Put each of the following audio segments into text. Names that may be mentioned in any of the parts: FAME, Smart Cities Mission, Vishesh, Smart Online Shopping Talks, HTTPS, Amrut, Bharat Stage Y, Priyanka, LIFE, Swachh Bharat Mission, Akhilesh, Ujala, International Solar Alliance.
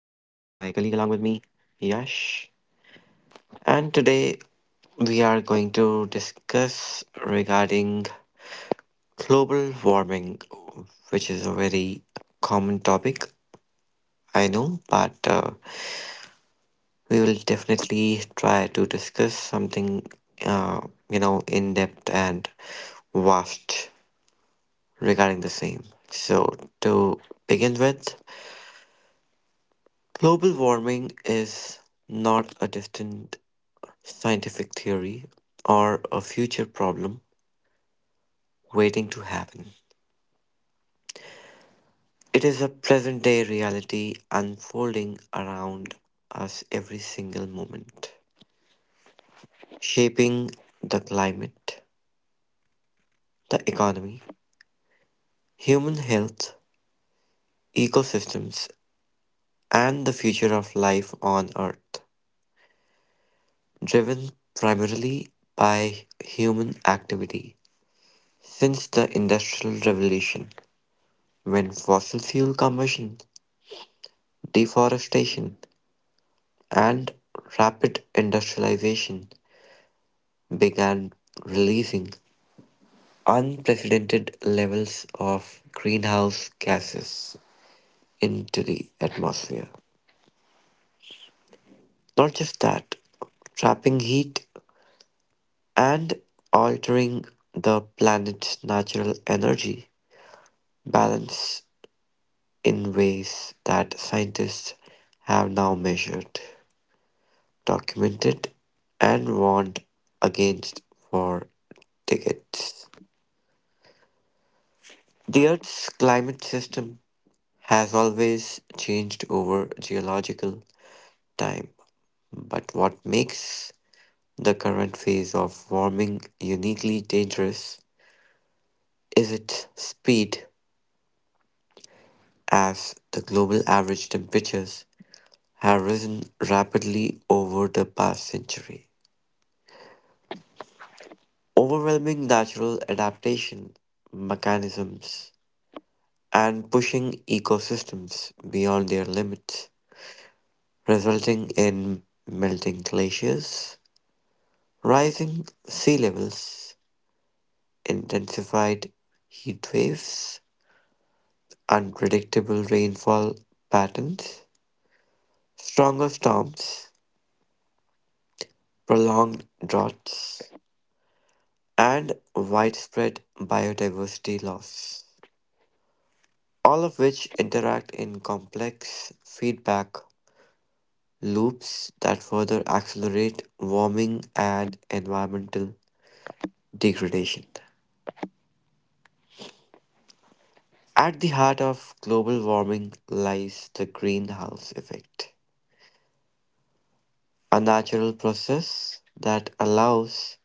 colleague along with me, Yash. And today we are going to discuss regarding global warming, which is a very common topic, I know, but we will definitely try to discuss something, uh, in depth and vast regarding the same. So to begin with, global warming is not a distant scientific theory or a future problem waiting to happen. It is a present day reality unfolding around us every single moment, shaping the climate, the economy, human health, ecosystems, and the future of life on Earth, driven primarily by human activity since the Industrial Revolution, when fossil fuel combustion, deforestation, and rapid industrialization began releasing unprecedented levels of greenhouse gases into the atmosphere. Not just that, trapping heat and altering the planet's natural energy balance in ways that scientists have now measured, documented and warned against war tickets. The Earth's climate system has always changed over geological time, but what makes the current phase of warming uniquely dangerous is its speed, as the global average temperatures have risen rapidly over the past century, overwhelming natural adaptation mechanisms and pushing ecosystems beyond their limits, resulting in melting glaciers, rising sea levels, intensified heat waves, unpredictable rainfall patterns, stronger storms, prolonged droughts, and widespread biodiversity loss, all of which interact in complex feedback loops that further accelerate warming and environmental degradation. At the heart of global warming lies the greenhouse effect, a natural process that allows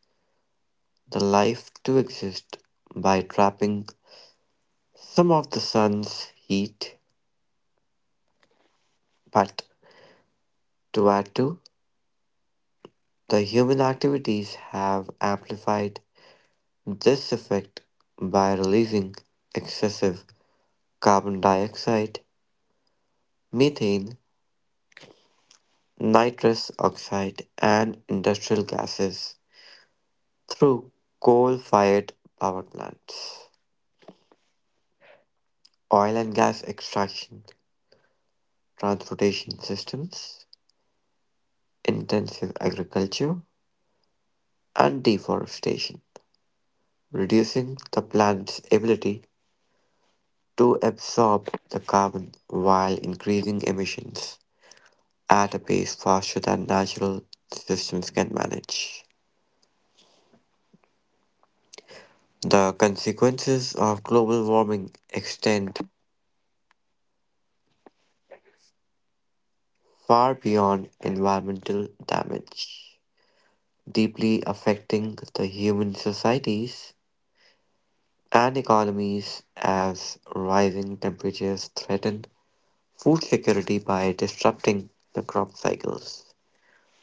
the life to exist by trapping some of the sun's heat. But to add to, the human activities have amplified this effect by releasing excessive carbon dioxide methane, nitrous oxide and industrial gases through coal-fired power plants, oil and gas extraction, transportation systems, intensive agriculture and deforestation, reducing the planet's ability to absorb the carbon while increasing emissions at a pace faster than natural systems can manage. The consequences of global warming extend far beyond environmental damage, deeply affecting the human societies and economies as rising temperatures threaten food security by disrupting the crop cycles,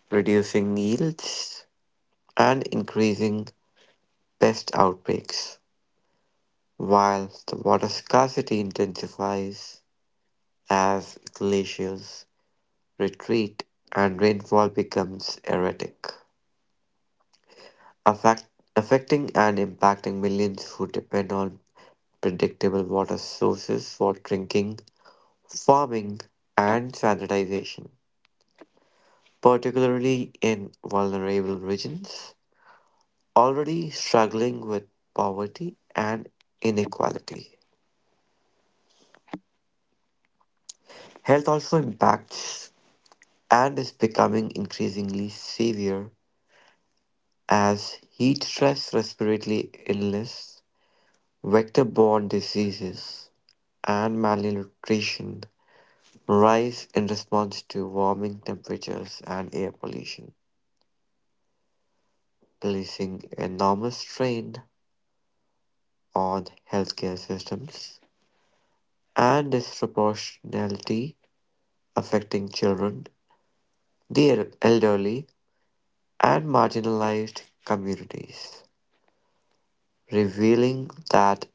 reducing yields, and increasing pest outbreaks, while the water scarcity intensifies as glaciers retreat and rainfall becomes erratic, affect, affecting and impacting millions who depend on predictable water sources for drinking, farming, and sanitation, particularly in vulnerable regions already struggling with poverty and inequality. Health also impacts and is becoming increasingly severe as heat stress, respiratory illness, vector borne diseases, and malnutrition rise in response to warming temperatures and air pollution, placing enormous strain on healthcare systems and disproportionality affecting children, the elderly, and marginalized communities, revealing that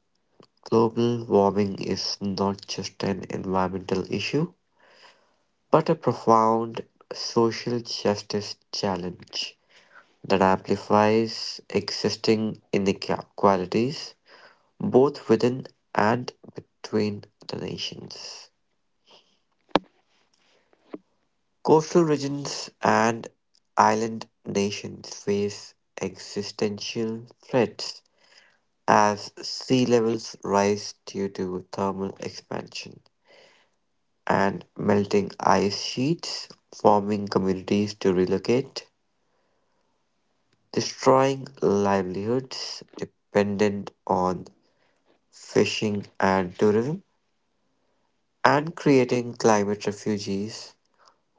global warming is not just an environmental issue, but a profound social justice challenge that amplifies existing inequalities both within and between the nations. Coastal regions and island nations face existential threats as sea levels rise due to thermal expansion and melting ice sheets, forming communities to relocate, destroying livelihoods dependent on fishing and tourism, and creating climate refugees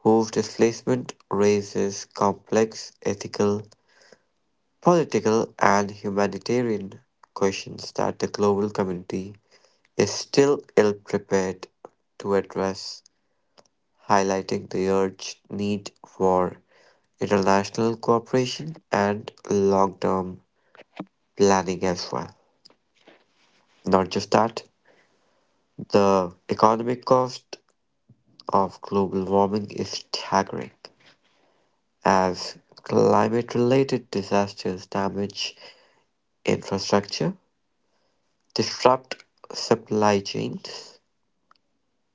whose displacement raises complex ethical, political, and humanitarian questions that the global community is still ill prepared to address, highlighting the urgent need for international cooperation and long term planning as well. Not just that, the economic cost of global warming is staggering as climate-related disasters damage infrastructure, disrupt supply chains,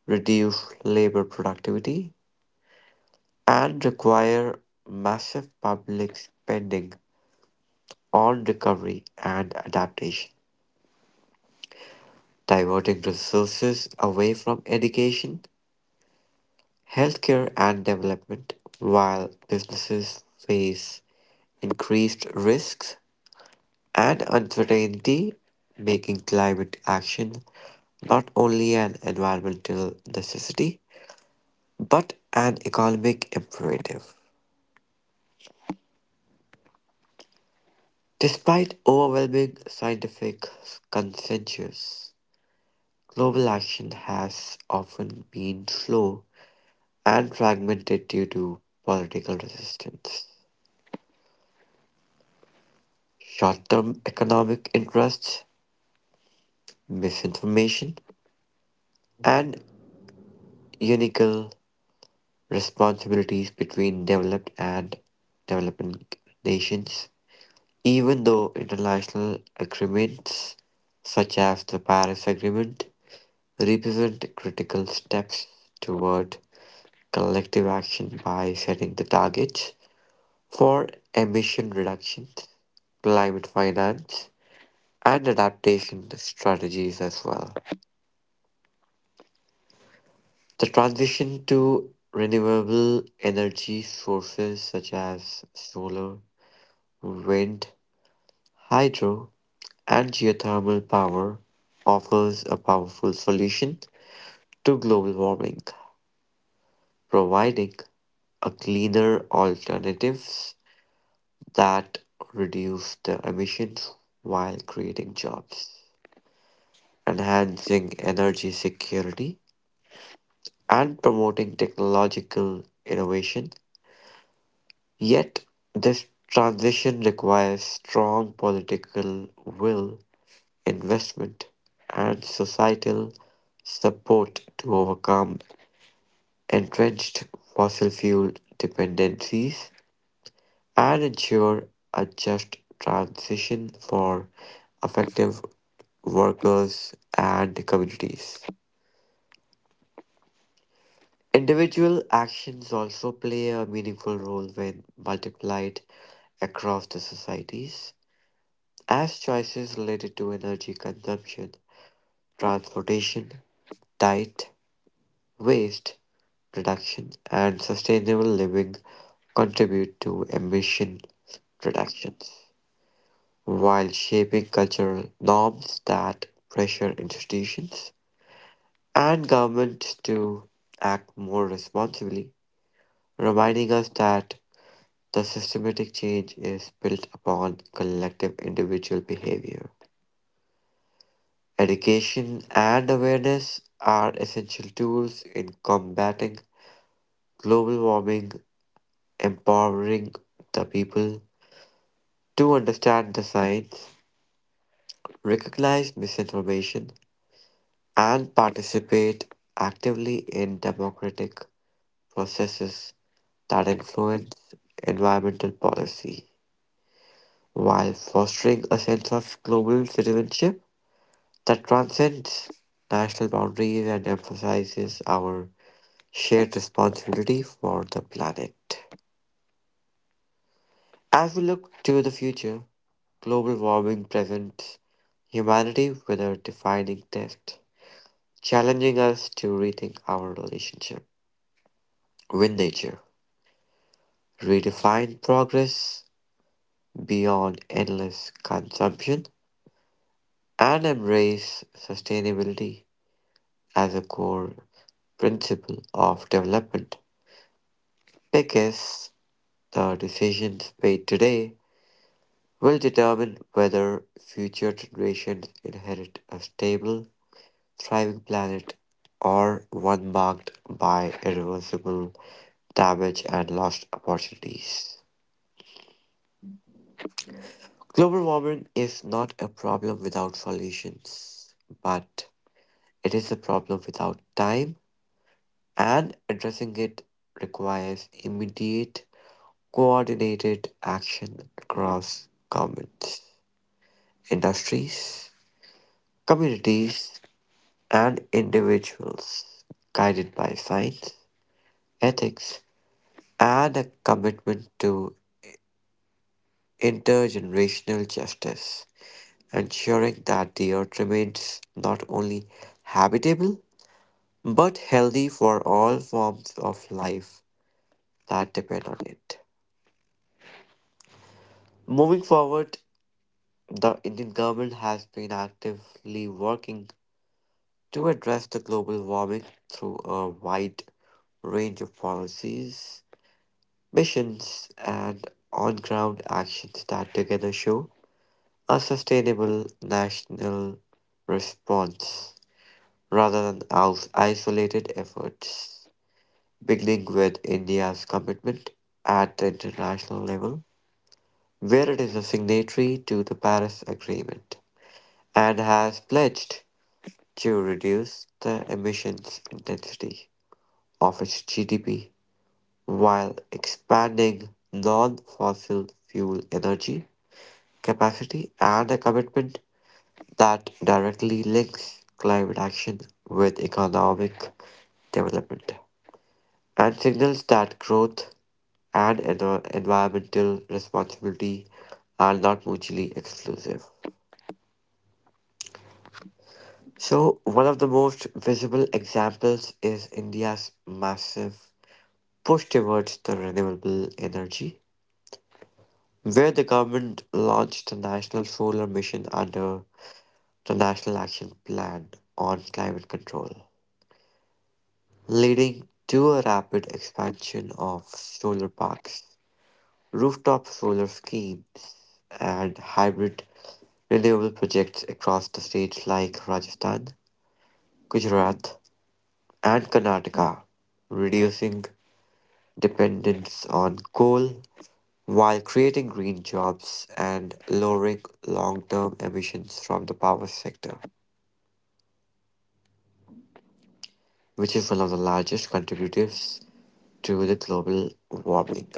reduce labor productivity, and require massive public spending on recovery and adaptation, diverting resources away from education, healthcare, and development, while businesses face increased risks and uncertainty, making climate action not only an environmental necessity but an economic imperative. Despite overwhelming scientific consensus, global action has often been slow and fragmented due to political resistance, short term economic interests, misinformation, and unique responsibilities between developed and developing nations, even though international agreements such as the Paris Agreement represent critical steps toward collective action by setting the targets for emission reductions, climate finance, and adaptation strategies as well. The transition to renewable energy sources such as solar, wind, hydro and geothermal power offers a powerful solution to global warming, providing a cleaner alternatives that reduce the emissions while creating jobs, enhancing energy security and promoting technological innovation. Yet this transition requires strong political will investment, and societal support to overcome entrenched fossil fuel dependencies and ensure a just transition for effective workers and communities. Individual actions also play a meaningful role when multiplied across the societies, as choices related to energy consumption, transportation, diet, waste reduction and sustainable living contribute to emission reductions while shaping cultural norms that pressure institutions and governments to act more responsibly, reminding us that the systematic change is built upon collective individual behavior. Education and awareness are essential tools in combating global warming empowering the people to understand the science, recognize misinformation, and participate actively in democratic processes that influence environmental policy while fostering a sense of global citizenship that transcends national boundaries and emphasizes our shared responsibility for the planet. As we look to the future, global warming presents humanity with a defining test, challenging us to rethink our relationship with nature, redefine progress beyond endless consumption, and embrace sustainability as a core principle of development, because the decisions made today will determine whether future generations inherit a stable thriving planet, or one marked by irreversible damage and lost opportunities. Global warming is not a problem without solutions, but it is a problem without time, and addressing it requires immediate, coordinated action across governments, industries, communities, and individuals, guided by science, ethics, and a commitment to intergenerational justice, ensuring that the earth remains not only habitable but healthy for all forms of life that depend on it. Moving forward, the Indian government has been actively working to address the global warming through a wide range of policies, missions, and on ground actions that together show a sustainable national response rather than isolated efforts, beginning with India's commitment at the international level, where it is a signatory to the Paris Agreement and has pledged to reduce the emissions intensity of its GDP while expanding non fossil fuel energy capacity and a commitment that directly links climate action with economic development and signals that growth and environmental responsibility are not mutually exclusive. So, one of the most visible examples is India's massive push towards the renewable energy, where the government launched the National Solar Mission under the National Action Plan on Climate Control, leading to a rapid expansion of solar parks, rooftop solar schemes, and hybrid renewable projects across the states like Rajasthan, Gujarat, and Karnataka, reducing dependence on coal while creating green jobs and lowering long term emissions from the power sector, which is one of the largest contributors to the global warming.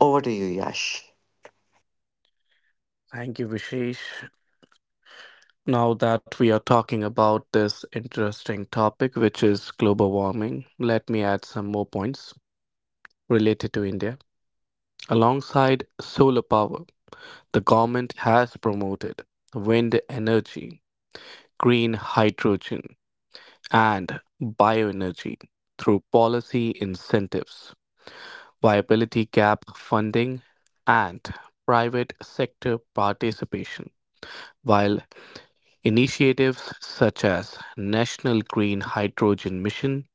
Over to you, Yash. Thank you, Vishesh. Now that we are talking about this interesting topic, which is global warming, let me add some more points related to India. Alongside solar power, the government has promoted wind energy, green hydrogen, and bioenergy through policy incentives, viability gap funding, and private sector participation. While initiatives such as National Green Hydrogen Mission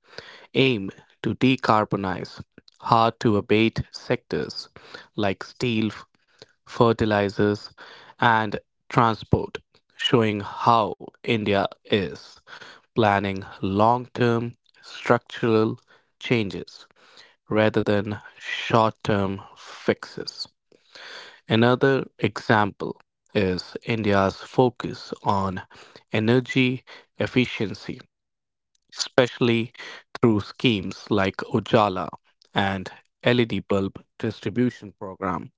aim to decarbonize hard to abate sectors like steel, fertilizers, and transport, showing how India is planning long term structural changes rather than short term fixes. Another example is India's focus on energy efficiency, especially through schemes like Ujala and LED bulb distribution program,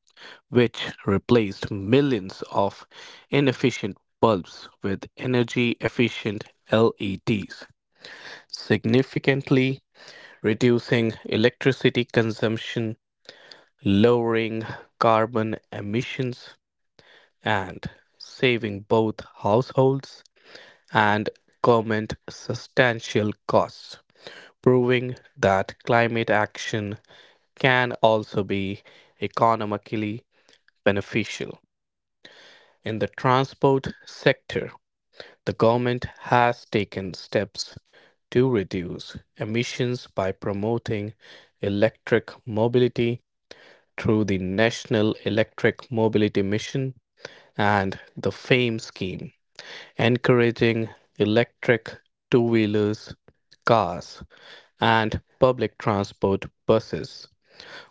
which replaced millions of inefficient bulbs with energy efficient LEDs, significantly reducing electricity consumption, lowering carbon emissions, and saving both households and government substantial costs, proving that climate action can also be economically beneficial. In the transport sector, the government has taken steps to reduce emissions by promoting electric mobility through the National Electric Mobility Mission and the FAME scheme encouraging electric two wheelers, cars, and public transport buses,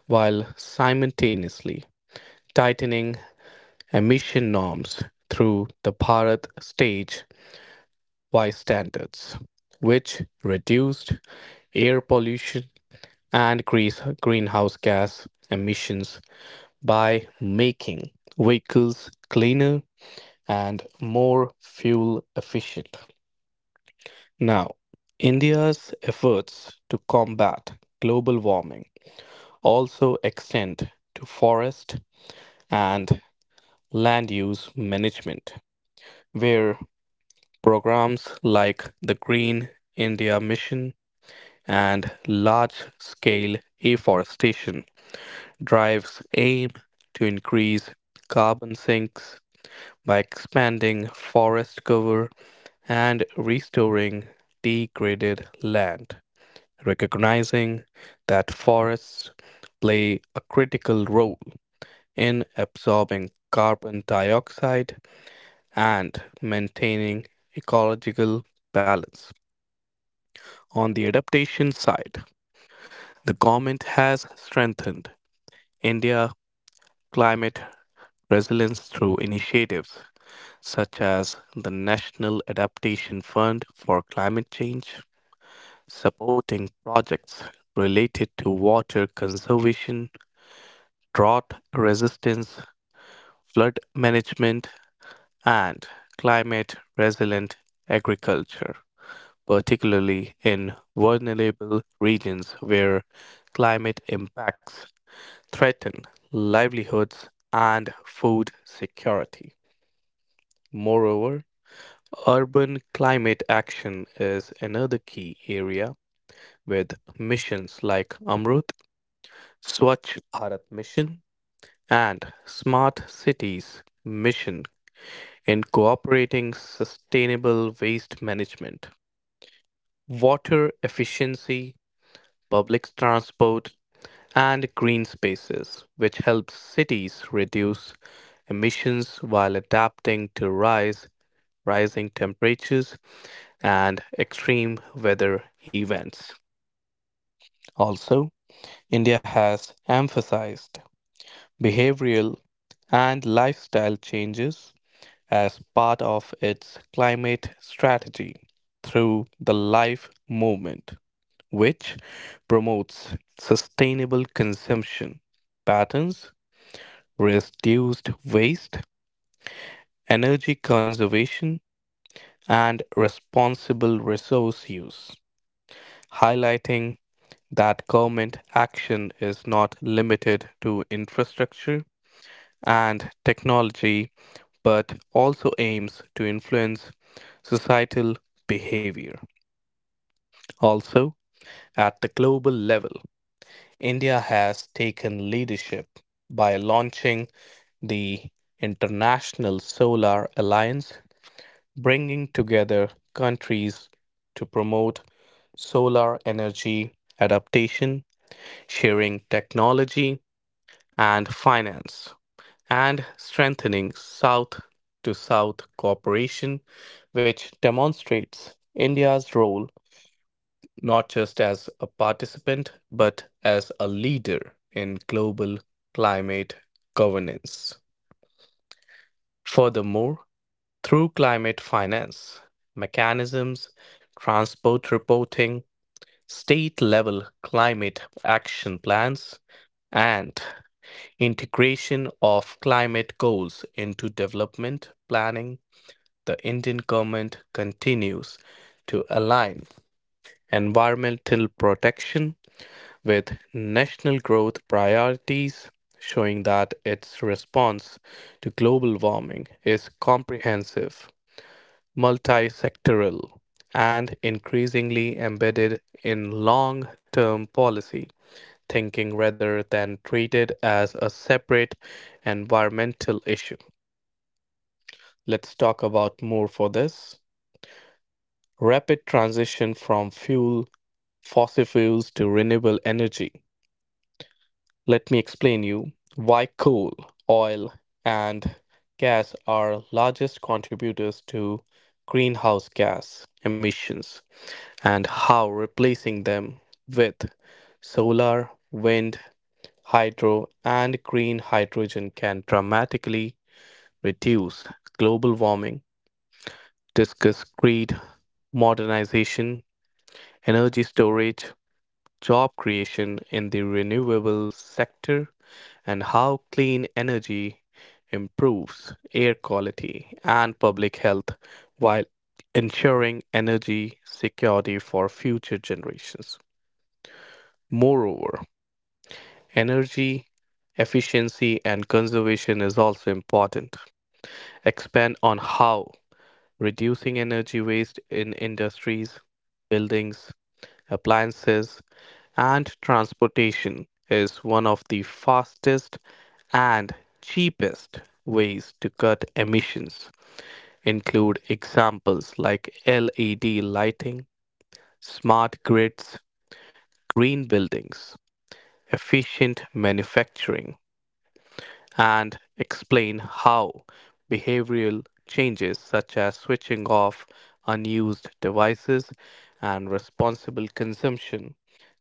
while simultaneously tightening emission norms through the Bharat Stage Y standards, which reduced air pollution and greenhouse gas emissions by making vehicles cleaner and more fuel efficient. Now, India's efforts to combat global warming also extend to forest and land use management, where programs like the Green India Mission and large scale afforestation drives aim to increase carbon sinks by expanding forest cover and restoring degraded land, recognizing that forests play a critical role in absorbing carbon dioxide and maintaining ecological balance. On the adaptation side, the government has strengthened India's climate resilience through initiatives such as the National Adaptation Fund for Climate Change, supporting projects related to water conservation, drought resistance, flood management, and climate resilient agriculture, particularly in vulnerable regions where climate impacts threaten livelihoods and food security. Moreover, urban climate action is another key area, with missions like Amrut, Swachh Bharat Mission, and Smart Cities Mission In cooperating sustainable waste management, water efficiency, public transport, and green spaces, which helps cities reduce emissions while adapting to rise rising temperatures and extreme weather events. Also, India has emphasized behavioral and lifestyle changes as part of its climate strategy through the LIFE movement, which promotes sustainable consumption patterns, reduced waste, energy conservation, and responsible resource use, highlighting that government action is not limited to infrastructure and technology, but also aims to influence societal behavior. Also, at the global level, India has taken leadership by launching the International Solar Alliance, bringing together countries to promote solar energy adaptation, sharing technology, and finance, and strengthening South to South cooperation, which demonstrates India's role not just as a participant but as a leader in global climate governance. Furthermore, through climate finance mechanisms, transport reporting, state level climate action plans, and integration of climate goals into development planning, the Indian government continues to align environmental protection with national growth priorities, showing that its response to global warming is comprehensive, multi sectoral, and increasingly embedded in long term policy thinking rather than treated as a separate environmental issue. Let's talk about more for this: rapid transition from fuel fossil fuels to renewable energy. Let me explain you why coal, oil and gas are largest contributors to greenhouse gas emissions and how replacing them with solar, wind, hydro and green hydrogen can dramatically reduce global warming. Discuss grid modernization, energy storage, job creation in the renewable sector, and how clean energy improves air quality and public health while ensuring energy security for future generations. Moreover, energy efficiency and conservation is also important. Expand on how reducing energy waste in industries, buildings, appliances, and transportation is one of the fastest and cheapest ways to cut emissions. Include examples like LED lighting, smart grids, green buildings, efficient manufacturing, and explain how behavioral changes such as switching off unused devices and responsible consumption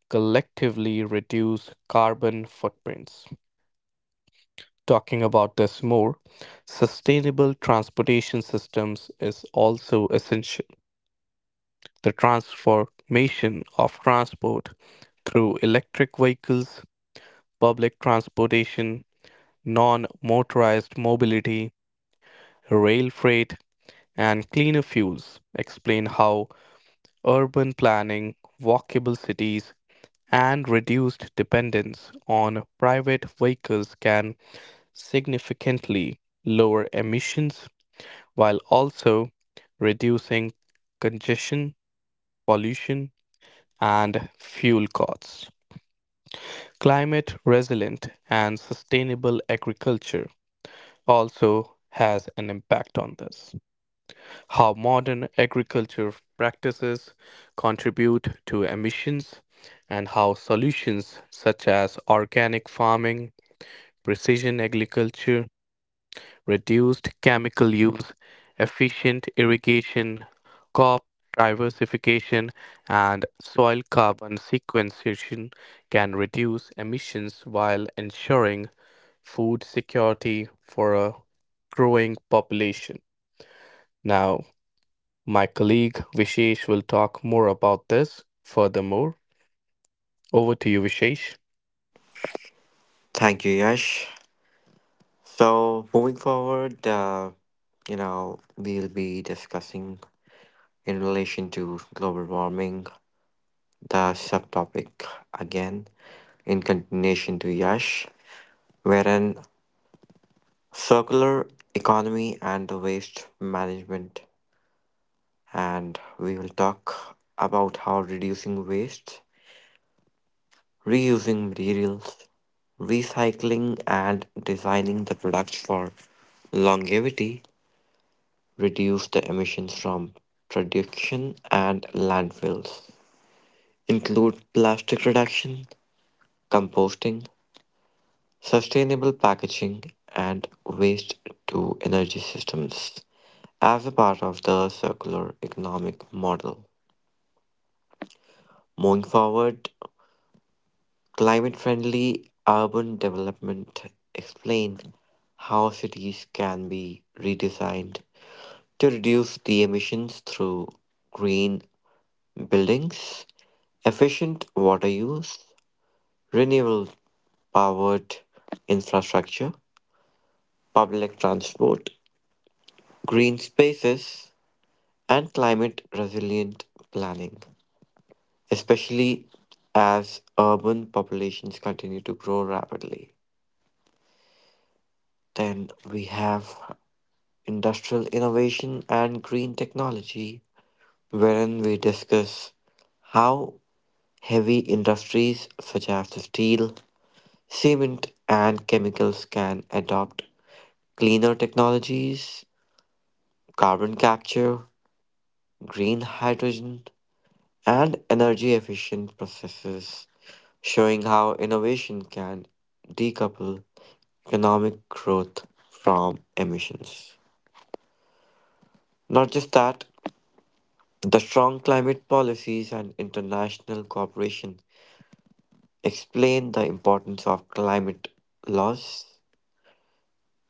collectively reduce carbon footprints. Talking about this more, sustainable transportation systems is also essential. The transformation of transport through electric vehicles, public transportation, non motorized mobility, rail freight, and cleaner fuels, explain how urban planning, walkable cities, and reduced dependence on private vehicles can significantly lower emissions while also reducing congestion, pollution, and fuel costs. Climate resilient and sustainable agriculture also has an impact on this. How modern agriculture practices contribute to emissions and how solutions such as organic farming, precision agriculture, reduced chemical use, efficient irrigation, crop diversification, and soil carbon sequestration can reduce emissions while ensuring food security for a growing population. Now, my colleague Vishesh will talk more about this. Furthermore, over to you, Vishesh. Thank you, Yash. So, moving forward, we'll be discussing in relation to global warming the subtopic again in continuation to Yash, wherein circular economy and the waste management. And we will talk about how reducing waste, reusing materials, recycling, and designing the products for longevity reduce the emissions from production and landfills include plastic reduction, composting, sustainable packaging, and waste to energy systems as a part of the circular economic model. Moving forward, climate friendly urban development explained how cities can be redesigned to reduce the emissions through green buildings, efficient water use, renewable powered infrastructure, public transport, green spaces, and climate resilient planning, especially as urban populations continue to grow rapidly. Then we have industrial innovation and green technology, wherein we discuss how heavy industries such as the steel, cement and chemicals can adopt cleaner technologies, carbon capture, green hydrogen, and energy efficient processes, showing how innovation can decouple economic growth from emissions. Not just that, the strong climate policies and international cooperation explain the importance of climate laws,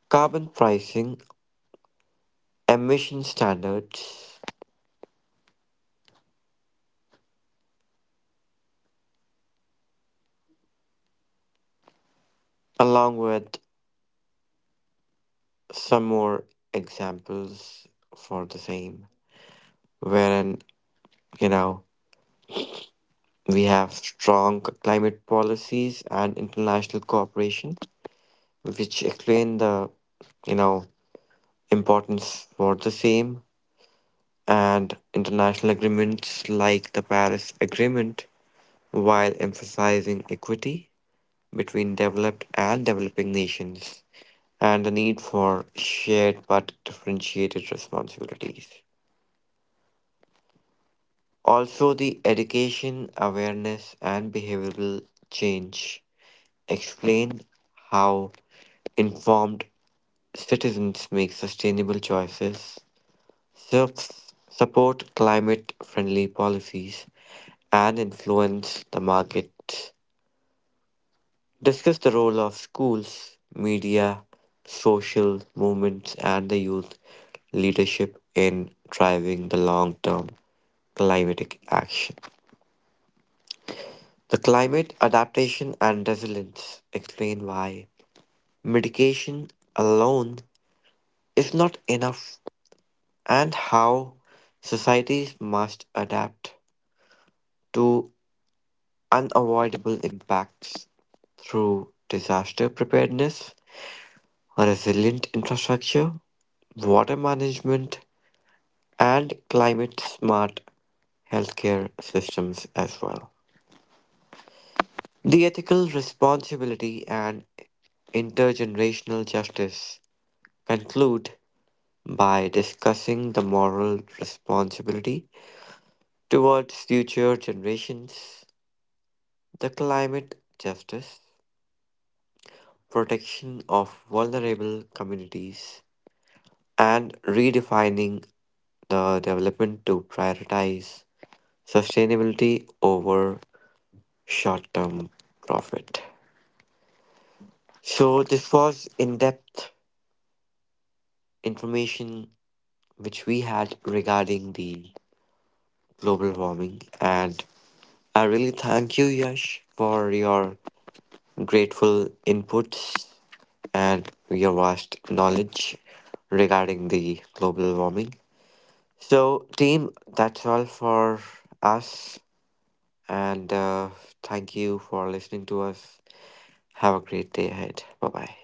carbon pricing, emission standards, along with some more examples for the same, wherein, you know, we have strong climate policies and international cooperation, which explain the, you know, importance for the same and international agreements like the Paris Agreement, while emphasizing equity between developed and developing nations and the need for shared but differentiated responsibilities. Also, the education, awareness, and behavioral change explain how informed citizens make sustainable choices, sup- support climate friendly policies, and influence the markets. Discuss the role of schools, media, social movements, and the youth leadership in driving the long term climatic action. The climate adaptation and resilience explain why mitigation alone is not enough and how societies must adapt to unavoidable impacts through disaster preparedness, resilient infrastructure, water management, and climate smart healthcare systems as well. The ethical responsibility and intergenerational justice conclude by discussing the moral responsibility towards future generations, the climate justice, protection of vulnerable communities, and redefining the development to prioritize sustainability over short term profit. So, this was in depth information which we had regarding the global warming and I really thank you, Yash, for your grateful inputs and your vast knowledge regarding the global warming. So, team, that's all for us. And thank you for listening to us. Have a great day ahead. Bye bye.